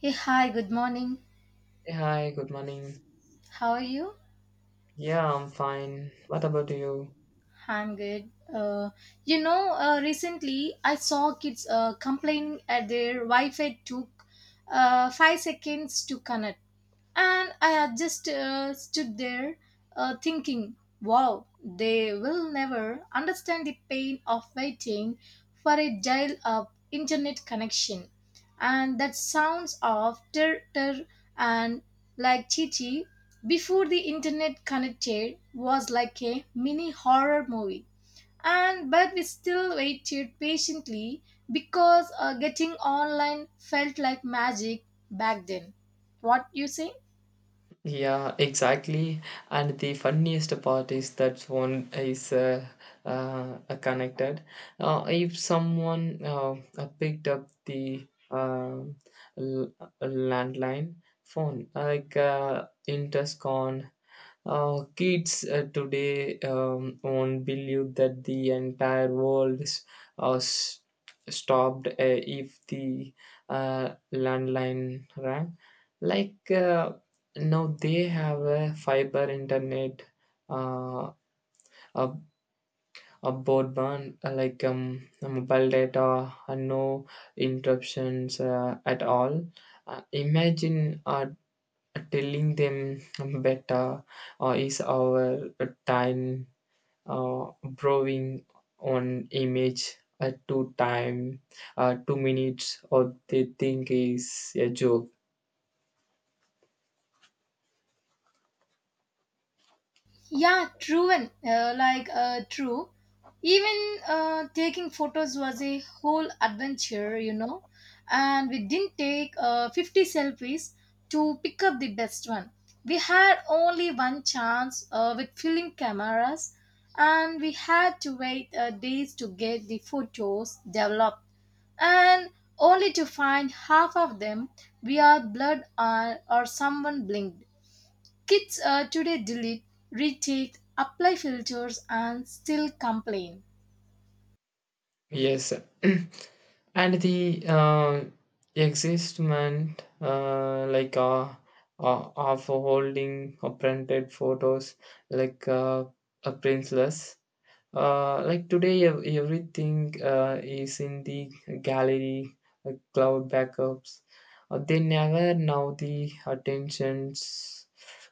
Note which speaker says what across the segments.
Speaker 1: Hey, hi, good morning.
Speaker 2: Hey, hi, good morning.
Speaker 1: How are you?
Speaker 2: Yeah, I'm fine. What about you?
Speaker 1: I'm good. Recently I saw kids complaining at their Wi Fi took 5 seconds to connect. And I just stood there thinking, wow, they will never understand the pain of waiting for a dial up internet connection. And that sounds of ter ter and like Chichi before the internet connected was like a mini horror movie and but we still waited patiently because getting online felt like magic back then. What you say?
Speaker 2: Yeah, exactly. And the funniest part is that one is connected. If someone picked up the l- landline phone, like Interscon, kids today won't believe that the entire world is uh, s- stopped if the landline rang. Like, now they have a fiber internet, uh, a, a broadband like mobile data, and no interruptions at all. Imagine telling them better is our time browsing on image at two time, 2 minutes, or they think is a joke.
Speaker 1: Yeah, true and true. Even taking photos was a whole adventure. And we didn't take 50 selfies to pick up the best one. We had only one chance with film cameras, and we had to wait days to get the photos developed. And only to find half of them we are blurred or someone blinked. Kids today delete, retweet, apply filters, and still complain.
Speaker 2: Yes, and the existment of holding printed photos like a princess. Like today, everything is in the gallery, cloud backups. They never know the attentions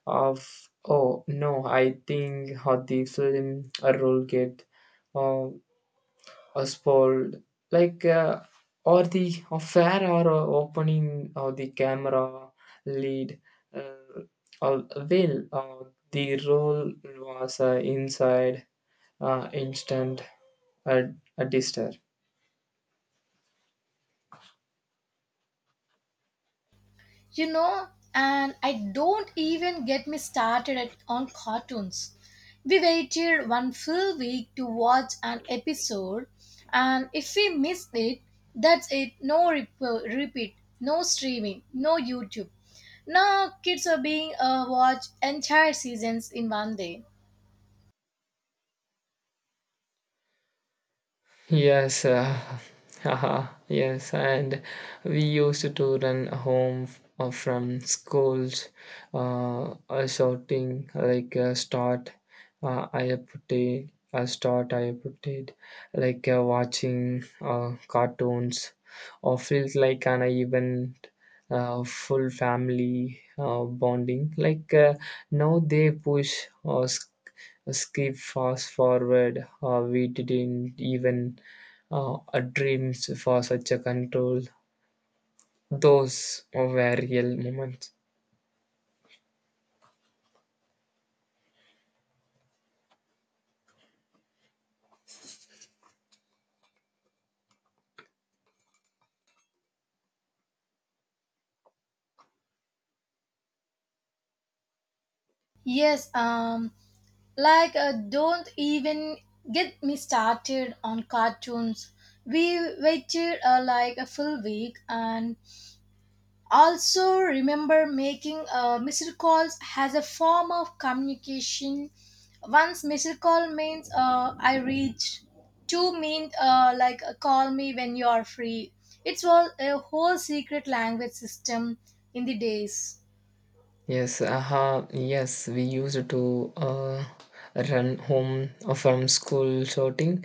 Speaker 2: of. Oh no, I think how the film role get. uh, or spoiled, like or the affair or opening or the camera lead, uh, or will the role was inside instant, a, a dister.
Speaker 1: You know, and I don't even get me started at, on cartoons. We waited one full week to watch an episode, and if we missed it, that's it. No repeat, no streaming, no YouTube. Now kids are being watched entire seasons in one day.
Speaker 2: Yes, haha, yes, and we used to run home from schools, shouting, like "Start, I have put it, start, I have put it," like watching cartoons, or feels like an event, full family bonding. Like now they push or skip fast forward. We didn't even dreams for such a control. Those were real moments.
Speaker 1: Yes, don't even get me started on cartoons. We waited a full week, and also remember making missed calls as a form of communication. Once missed call means I reached. Two means call me when you are free. It was a whole secret language system in the days.
Speaker 2: Yes, aha, yes, we used to run home from school shouting.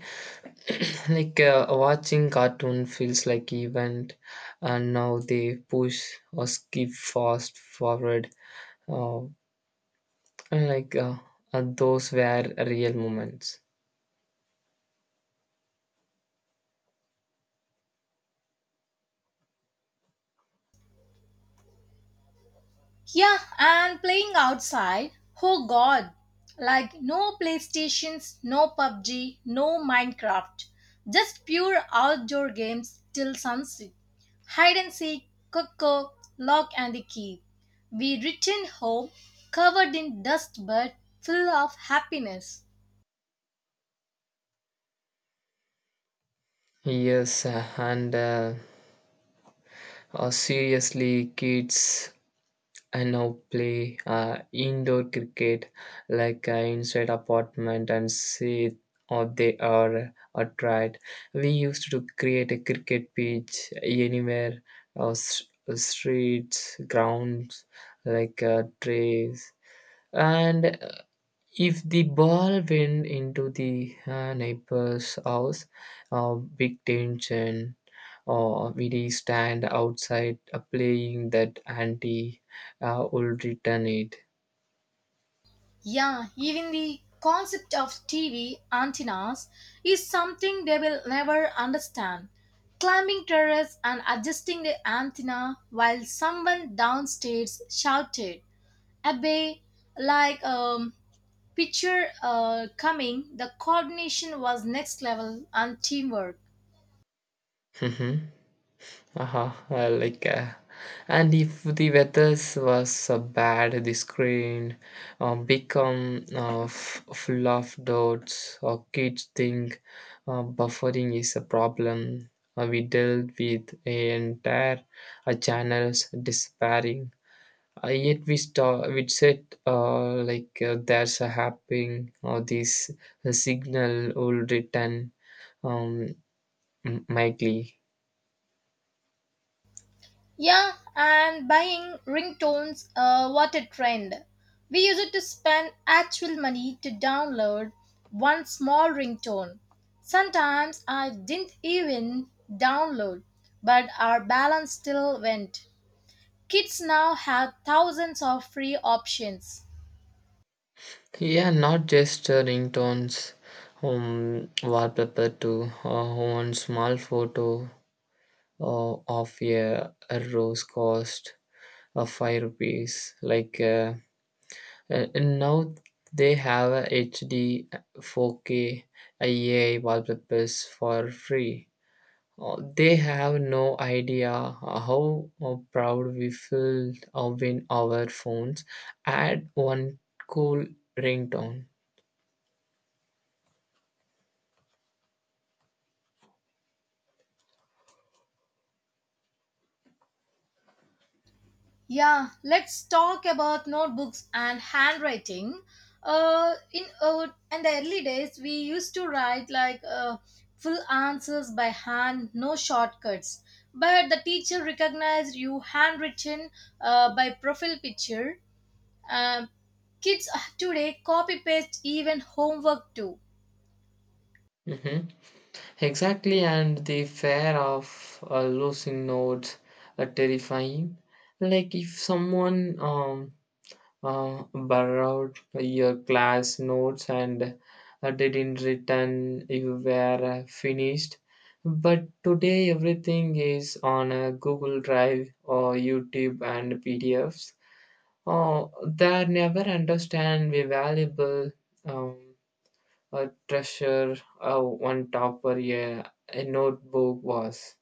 Speaker 2: Like watching cartoon feels like event, and now they push or skip fast forward. Uh, like, those were real moments.
Speaker 1: Yeah, and playing outside. Oh god. Like no PlayStations, no PUBG, no Minecraft. Just pure outdoor games till sunset. Hide and seek, coco, lock and the key. We returned home covered in dust but full of happiness.
Speaker 2: Yes, and seriously, kids I now play indoor cricket, like inside apartment and see or they are a tried. We used to create a cricket pitch anywhere, streets, grounds, like trees. And if the ball went into the neighbor's house, big tension, we stand outside playing that auntie will return it.
Speaker 1: Yeah, even the concept of TV antennas is something they will never understand. Climbing terrace and adjusting the antenna while someone downstairs shouted, Abe, like um, picture coming, the coordination was next level and teamwork.
Speaker 2: Mm-hmm. Uh-huh. Like, and if the weather was bad, the screen become full of dots. Or kids think buffering is a problem. We dealt with an entire channels despairing. Yet we said like there's a happening or this signal will return um, mightily.
Speaker 1: Yeah, and buying ringtones, what a trend. We used to spend actual money to download one small ringtone. Sometimes I didn't even download, but our balance still went. Kids now have thousands of free options.
Speaker 2: Yeah, not just ringtones, wallpaper too. One small photo uh, of a rose cost 5 rupees. Like now they have a HD 4K AI wallpapers for free. They have no idea how proud we feel when our phones add one cool ringtone.
Speaker 1: Yeah, let's talk about notebooks and handwriting. In the early days, we used to write full answers by hand, no shortcuts. But the teacher recognized you handwritten by profile picture. Um, Kids today copy paste even homework too.
Speaker 2: Mhm. Exactly, and the fear of losing notes are terrifying. Like if someone borrowed your class notes and didn't return, you were finished. But today everything is on a Google Drive or YouTube and PDFs. Oh, they never understand the valuable, um, a treasure, one topper, yeah, a notebook was.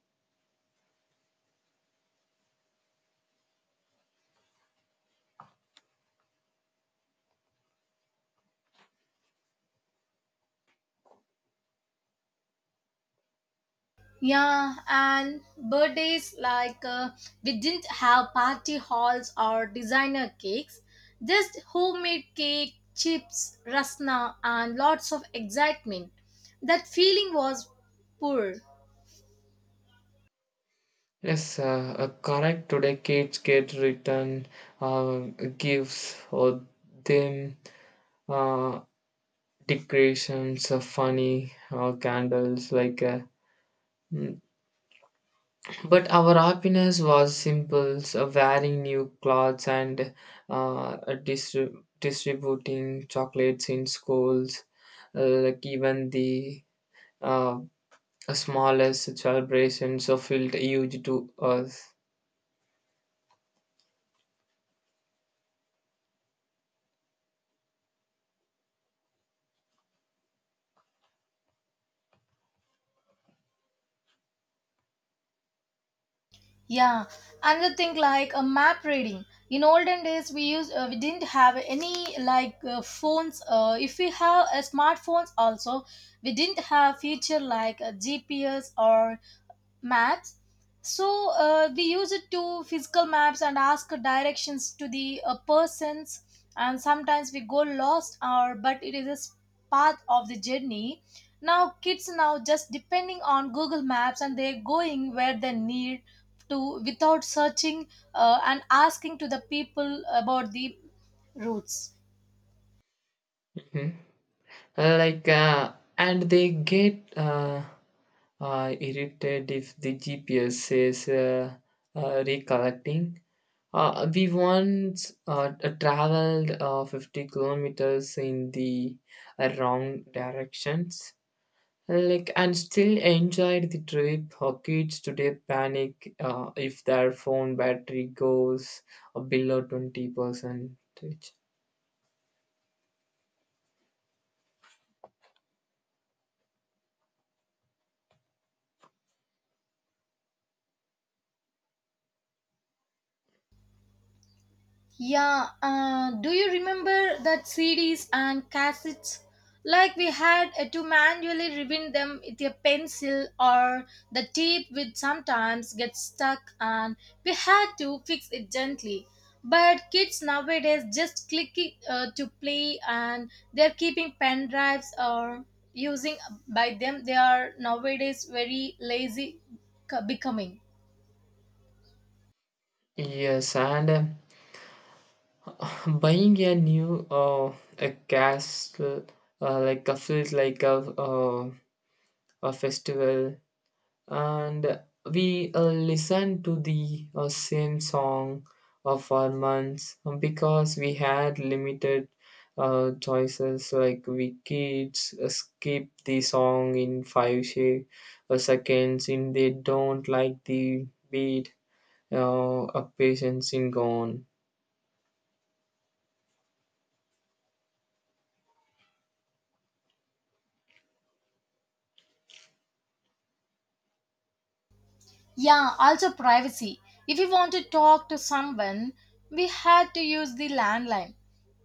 Speaker 1: Yeah, and birthdays we didn't have party halls or designer cakes, just homemade cake, chips, rasna, and lots of excitement. That feeling was poor.
Speaker 2: Yes, correct. Today kids get written uh, gives or them uh, decorations, funny candles, like. Mm. But our happiness was simple: so wearing new clothes and uh, distri- distributing chocolates in schools. Like, even the uh, smallest celebrations so felt huge to us.
Speaker 1: Yeah, another thing like a map reading. In olden days, we didn't have any phones. If we have smartphones also, we didn't have feature like a GPS or maps, so we use it to physical maps and ask directions to the persons, and sometimes we go lost or but it is a path of the journey. Now kids now just depending on Google Maps and they're going where they need to without searching and asking to the people about the routes.
Speaker 2: Mhm. Like, and they get irritated if the GPS says recollecting. We once traveled 50 kilometers in the wrong directions. Like and still enjoyed the trip. Our kids today panic if their phone battery goes below 20%.
Speaker 1: Yeah, do you remember that CDs and cassettes? Like we had to manually rewind them with a pencil or the tape would sometimes get stuck and we had to fix it gently. But kids nowadays just click it to play and they're keeping pen drives or using by them. They are nowadays very lazy becoming.
Speaker 2: Yes, and buying a new a castle, like a feels like a a festival, and we listened to the same song for months, because we had limited choices. Like, we kids skip the song in five seconds and they don't like the beat, a patience in gone.
Speaker 1: Yeah, also privacy. If we want to talk to someone, we had to use the landline.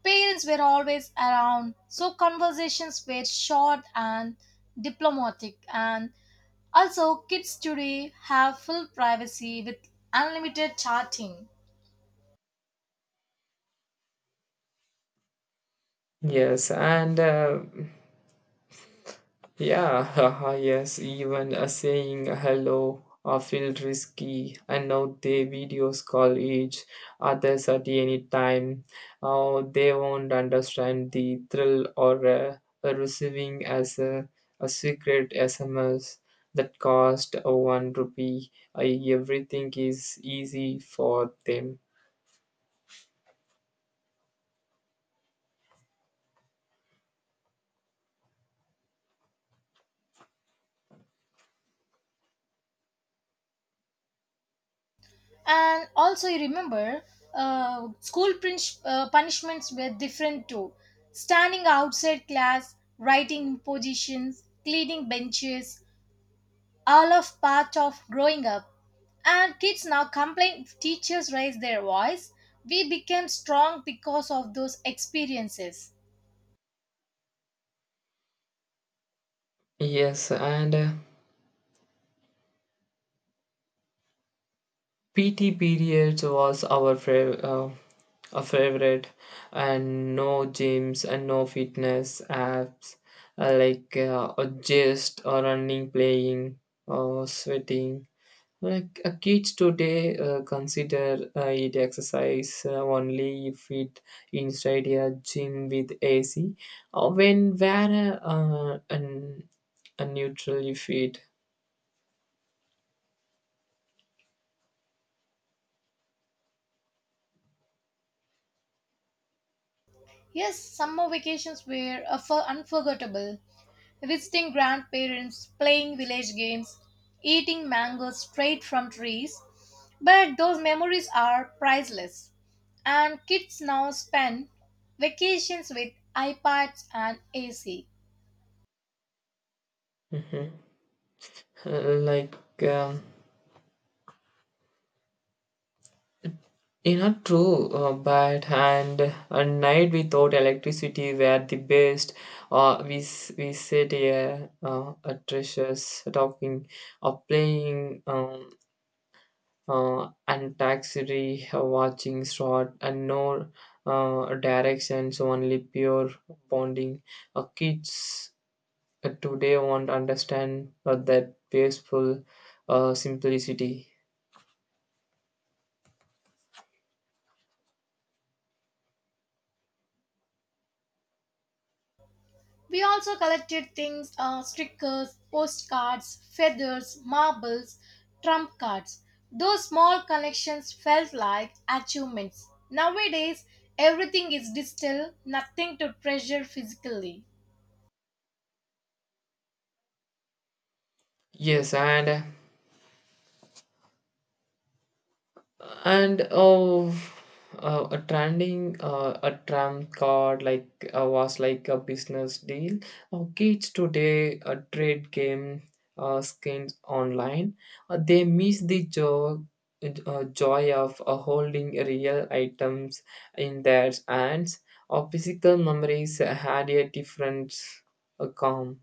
Speaker 1: Parents were always around, so conversations were short and diplomatic. And also, kids today have full privacy with unlimited chatting.
Speaker 2: Yes and Yeah, haha, yes, even a saying hello feel risky, and now they videos call each others at any time. They won't understand the thrill or receiving as a secret SMS that cost 1 rupee. Everything is easy for them.
Speaker 1: And also, you remember, school punishments were different too. Standing outside class, writing in positions, cleaning benches, all of part of growing up. And kids now complain if teachers raise their voice. We became strong because of those experiences.
Speaker 2: Yes, and PT periods was our favorite. A favorite and no gyms and no fitness apps, like or just or running playing or sweating, like kids today consider it exercise only if it inside a gym with ac, or when wear a neutral fit.
Speaker 1: Yes, summer vacations were a for unforgettable. Visiting grandparents, playing village games, eating mangoes straight from trees. But those memories are priceless. And kids now spend vacations with iPads and AC.
Speaker 2: Mhm. Like, um, you know, true, but and a night without electricity were the best. We sit here, at treasures talking, or playing, and taxi, watching short, and no directions, only pure bonding. Kids today won't understand that peaceful simplicity.
Speaker 1: We also collected things stickers, postcards, feathers, marbles, trump cards. Those small collections felt like achievements. Nowadays, everything is digital, nothing to treasure physically.
Speaker 2: Yes, and a trending, a tram card, like was like a business deal. Kids today trade game skins online. They miss the joy, joy of holding real items in their hands. Our physical memories had a different calm.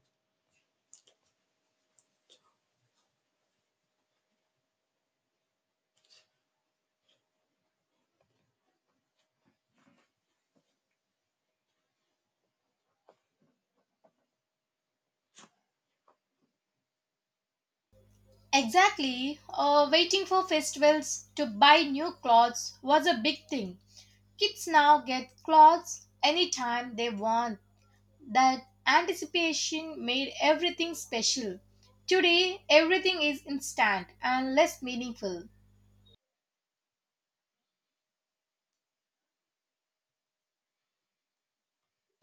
Speaker 1: Exactly, waiting for festivals to buy new clothes was a big thing. Kids now get clothes anytime they want. That anticipation made everything special. Today, everything is instant and less meaningful.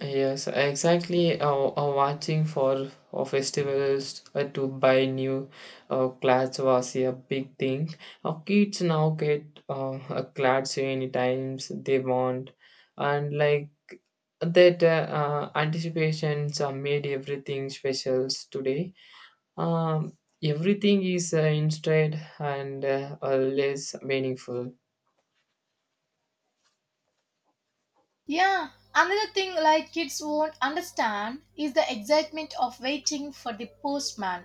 Speaker 2: Yes, exactly. Watching for festivals to buy new clothes was a big thing. Kids now get clothes any times they want, and like that anticipations are made everything specials today. Um, Everything is instead and less meaningful.
Speaker 1: Yeah, another thing like kids won't understand is the excitement of waiting for the postman.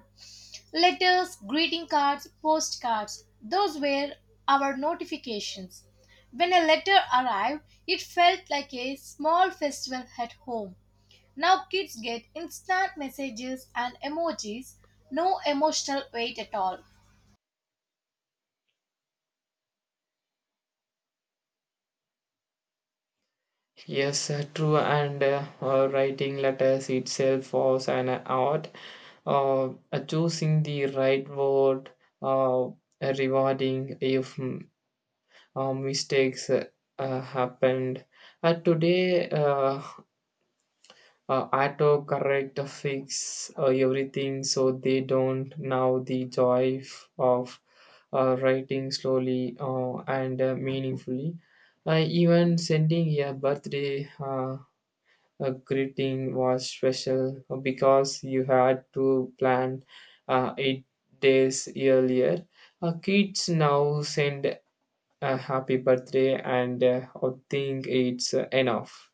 Speaker 1: Letters, greeting cards, postcards, those were our notifications. When a letter arrived, it felt like a small festival at home. Now kids get instant messages and emojis, no emotional weight at all.
Speaker 2: Yes, true. And writing letters itself was an art. Choosing the right word, uh, uh, rewarding if mistakes happened. Today, autocorrect fix everything so they don't now the joy of writing slowly and meaningfully. Even sending a birthday, a greeting, was special because you had to plan 8 days earlier. Kids now send a happy birthday and I think it's enough.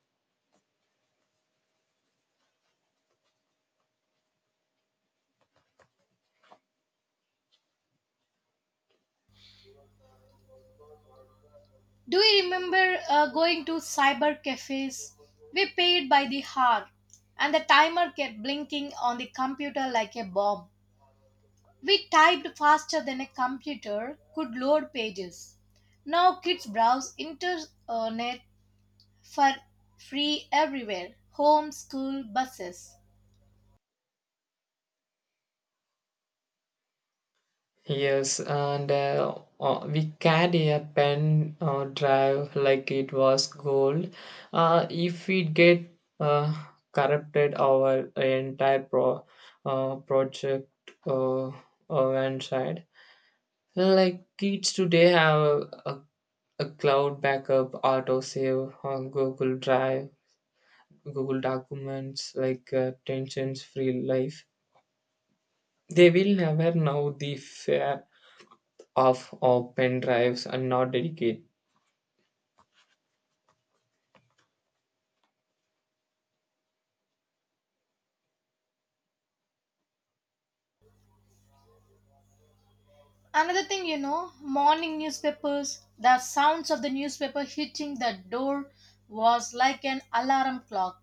Speaker 1: Do you remember going to cyber cafes? We paid by the hour, and the timer kept blinking on the computer like a bomb. We typed faster than a computer could load pages. Now kids browse internet for free everywhere home, school, buses.
Speaker 2: Yes, and we carry a pen drive like it was gold. If we get uh, corrupted, our entire project uh, went. Like kids today have a, a cloud backup, autosave on Google Drive, Google Documents, like tensions free life. They will never know the fear of open drives and not dedicate.
Speaker 1: Another thing, you know, morning newspapers, the sounds of the newspaper hitting the door was like an alarm clock.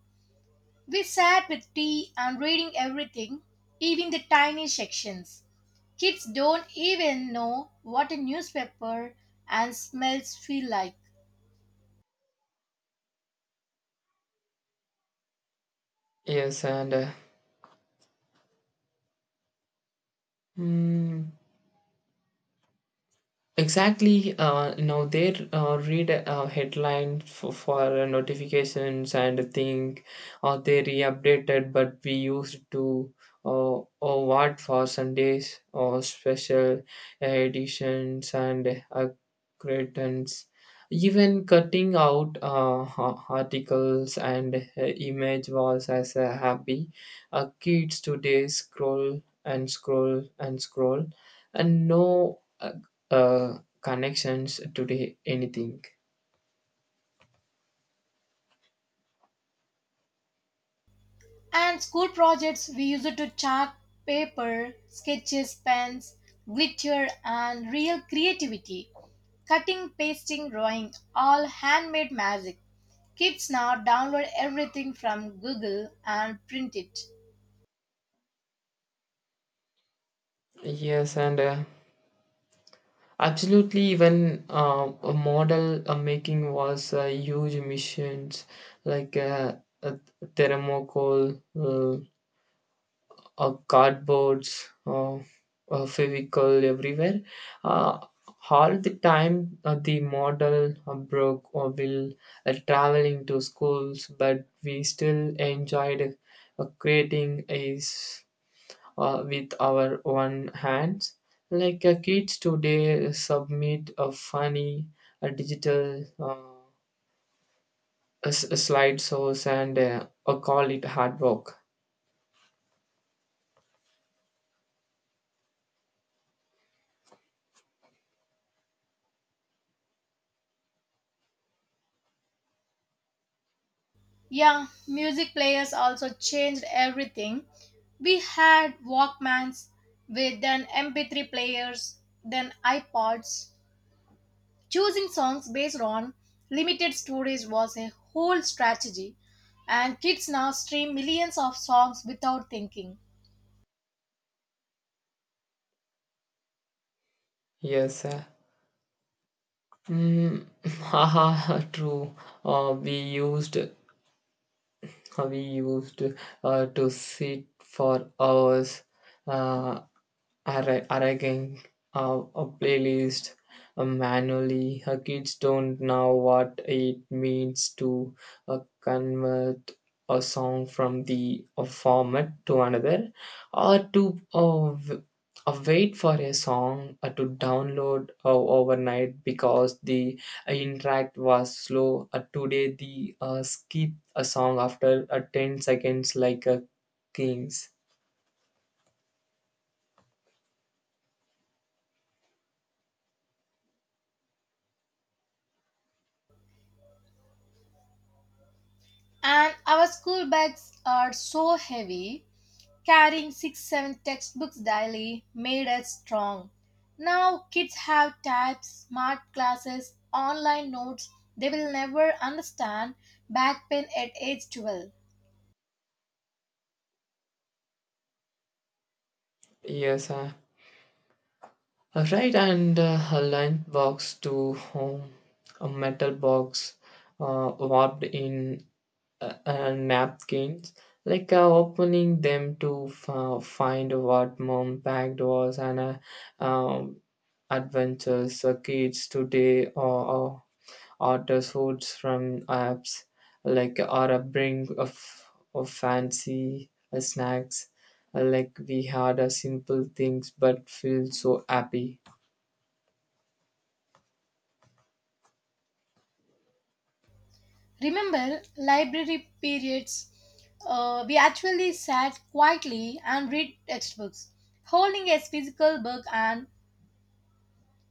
Speaker 1: We sat with tea and reading everything, even the tiny sections. Kids don't even know what a newspaper and smells feel like.
Speaker 2: Yes, and hmm. Exactly. Now they read a headline for notifications and think, or they re-updated, but we used to, or what for Sundays or special editions and accreditants. Even cutting out articles and image was as a happy. Kids today scroll and scroll and scroll, and no connections today anything.
Speaker 1: And school projects, we use it to chart, paper, sketches, pens, glitter, and real creativity. Cutting, pasting, drawing, all handmade magic. Kids now download everything from Google and print it.
Speaker 2: Yes, and absolutely, even a model making was huge missions, like uh, thermocol, cardboards, physical everywhere uh, all the time. The model broke or will traveling to schools, but we still enjoyed creating is with our own hands. Like kids today submit a funny digital slideshows and call it hard work.
Speaker 1: Yeah, music players also changed everything. We had Walkmans with then MP3 players, then iPods. Choosing songs based on limited storage was a whole strategy, and kids now stream millions of songs without thinking.
Speaker 2: Yes. Mm, haha, true. We used we used to sit for hours uh, arranging a playlist manually. Her kids don't know what it means to convert a song from the format to another, or to wait for a song to download overnight because the interact was slow. Today, the skip a song after 10 seconds, like a king's.
Speaker 1: And our school bags are so heavy, carrying six, seven textbooks daily made us strong. Now kids have tabs, smart classes, online notes they will never understand back pain at age 12.
Speaker 2: Yes, right, and a line box to home, a metal box warped in napkins, like opening them to find what mom packed was an um, adventures. Kids today, or orders foods from apps, like or a bring of fancy snacks, like we had a simple things but feel so happy.
Speaker 1: Remember library periods? We actually sat quietly and read textbooks, holding a physical book, and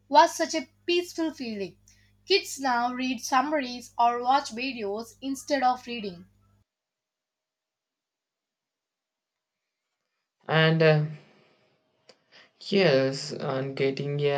Speaker 1: was such a peaceful feeling. Kids now read summaries or watch videos instead of reading.
Speaker 2: And yes, and getting a,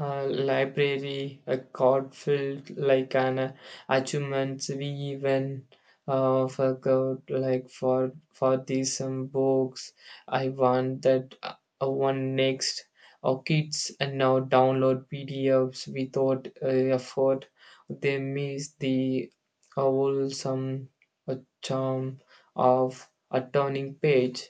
Speaker 2: library a card filled like an achievements. We even forgot like for these some books I want that one next, or kids and now download PDFs without effort. They miss the wholesome uh, charm of a turning page.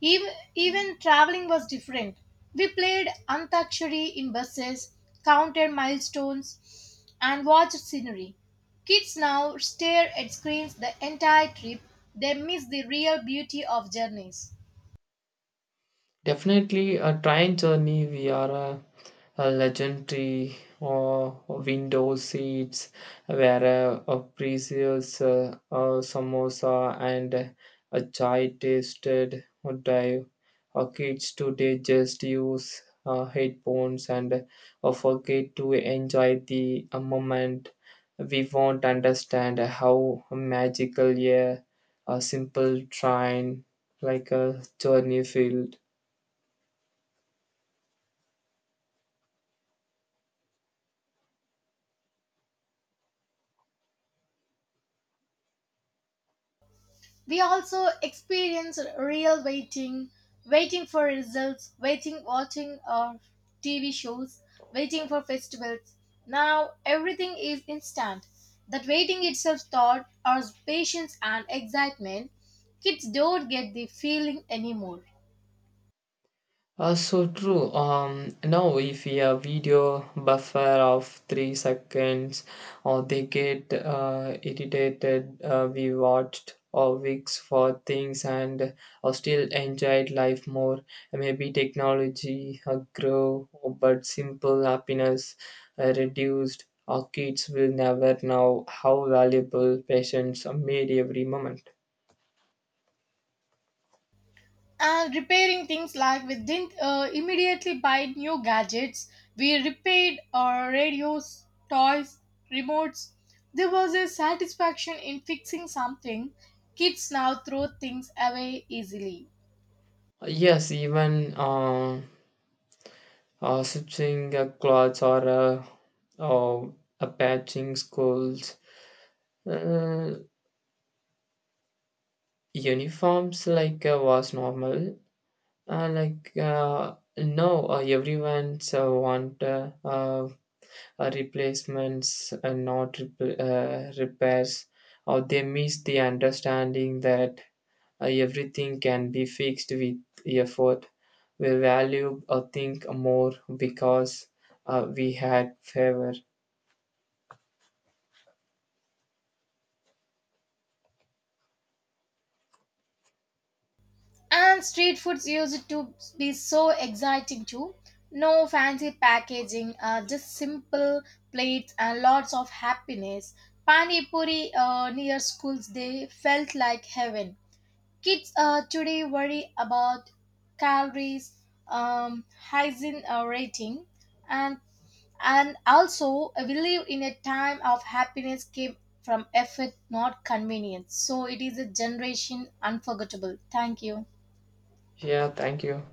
Speaker 1: Even, even traveling was different. We played Antakshari in buses, counted milestones, and watched scenery. Kids now stare at screens the entire trip. They miss the real beauty of journeys.
Speaker 2: Definitely a train journey via a legendary or window seats where a precious samosa and a chai tasted or dive. Our kids today just use headphones and forget to enjoy the moment. We won't understand how magical a simple train, like a journey field.
Speaker 1: We also experience real waiting, waiting for results, waiting watching TV shows, waiting for festivals. Now everything is instant. That waiting itself taught our patience and excitement. Kids don't get the feeling anymore.
Speaker 2: So true. Now if we have video buffer of 3 seconds, or they get irritated, we watched or weeks for things, and or still enjoyed life more. Maybe technology grow, but simple happiness reduced. Our kids will never know how valuable patience made every moment.
Speaker 1: Repairing things, like we didn't immediately buy new gadgets, we repaired our radios, toys, remotes. There was a satisfaction in fixing something. Kids now throw things away easily.
Speaker 2: Yes, even stitching clothes or patching schools uh, uniforms, like was normal. Like, no, everyone's want replacements and not repl repairs. Or they miss the understanding that everything can be fixed with effort. We value or think more because we had favor.
Speaker 1: And street foods used to be so exciting too, no fancy packaging, just simple plates and lots of happiness. Pani puri near schools they felt like heaven. Kids today worry about calories, um, hygiene rating, and and also we live in a time of happiness came from effort, not convenience. So it is a generation unforgettable. Thank you.
Speaker 2: Yeah, thank you.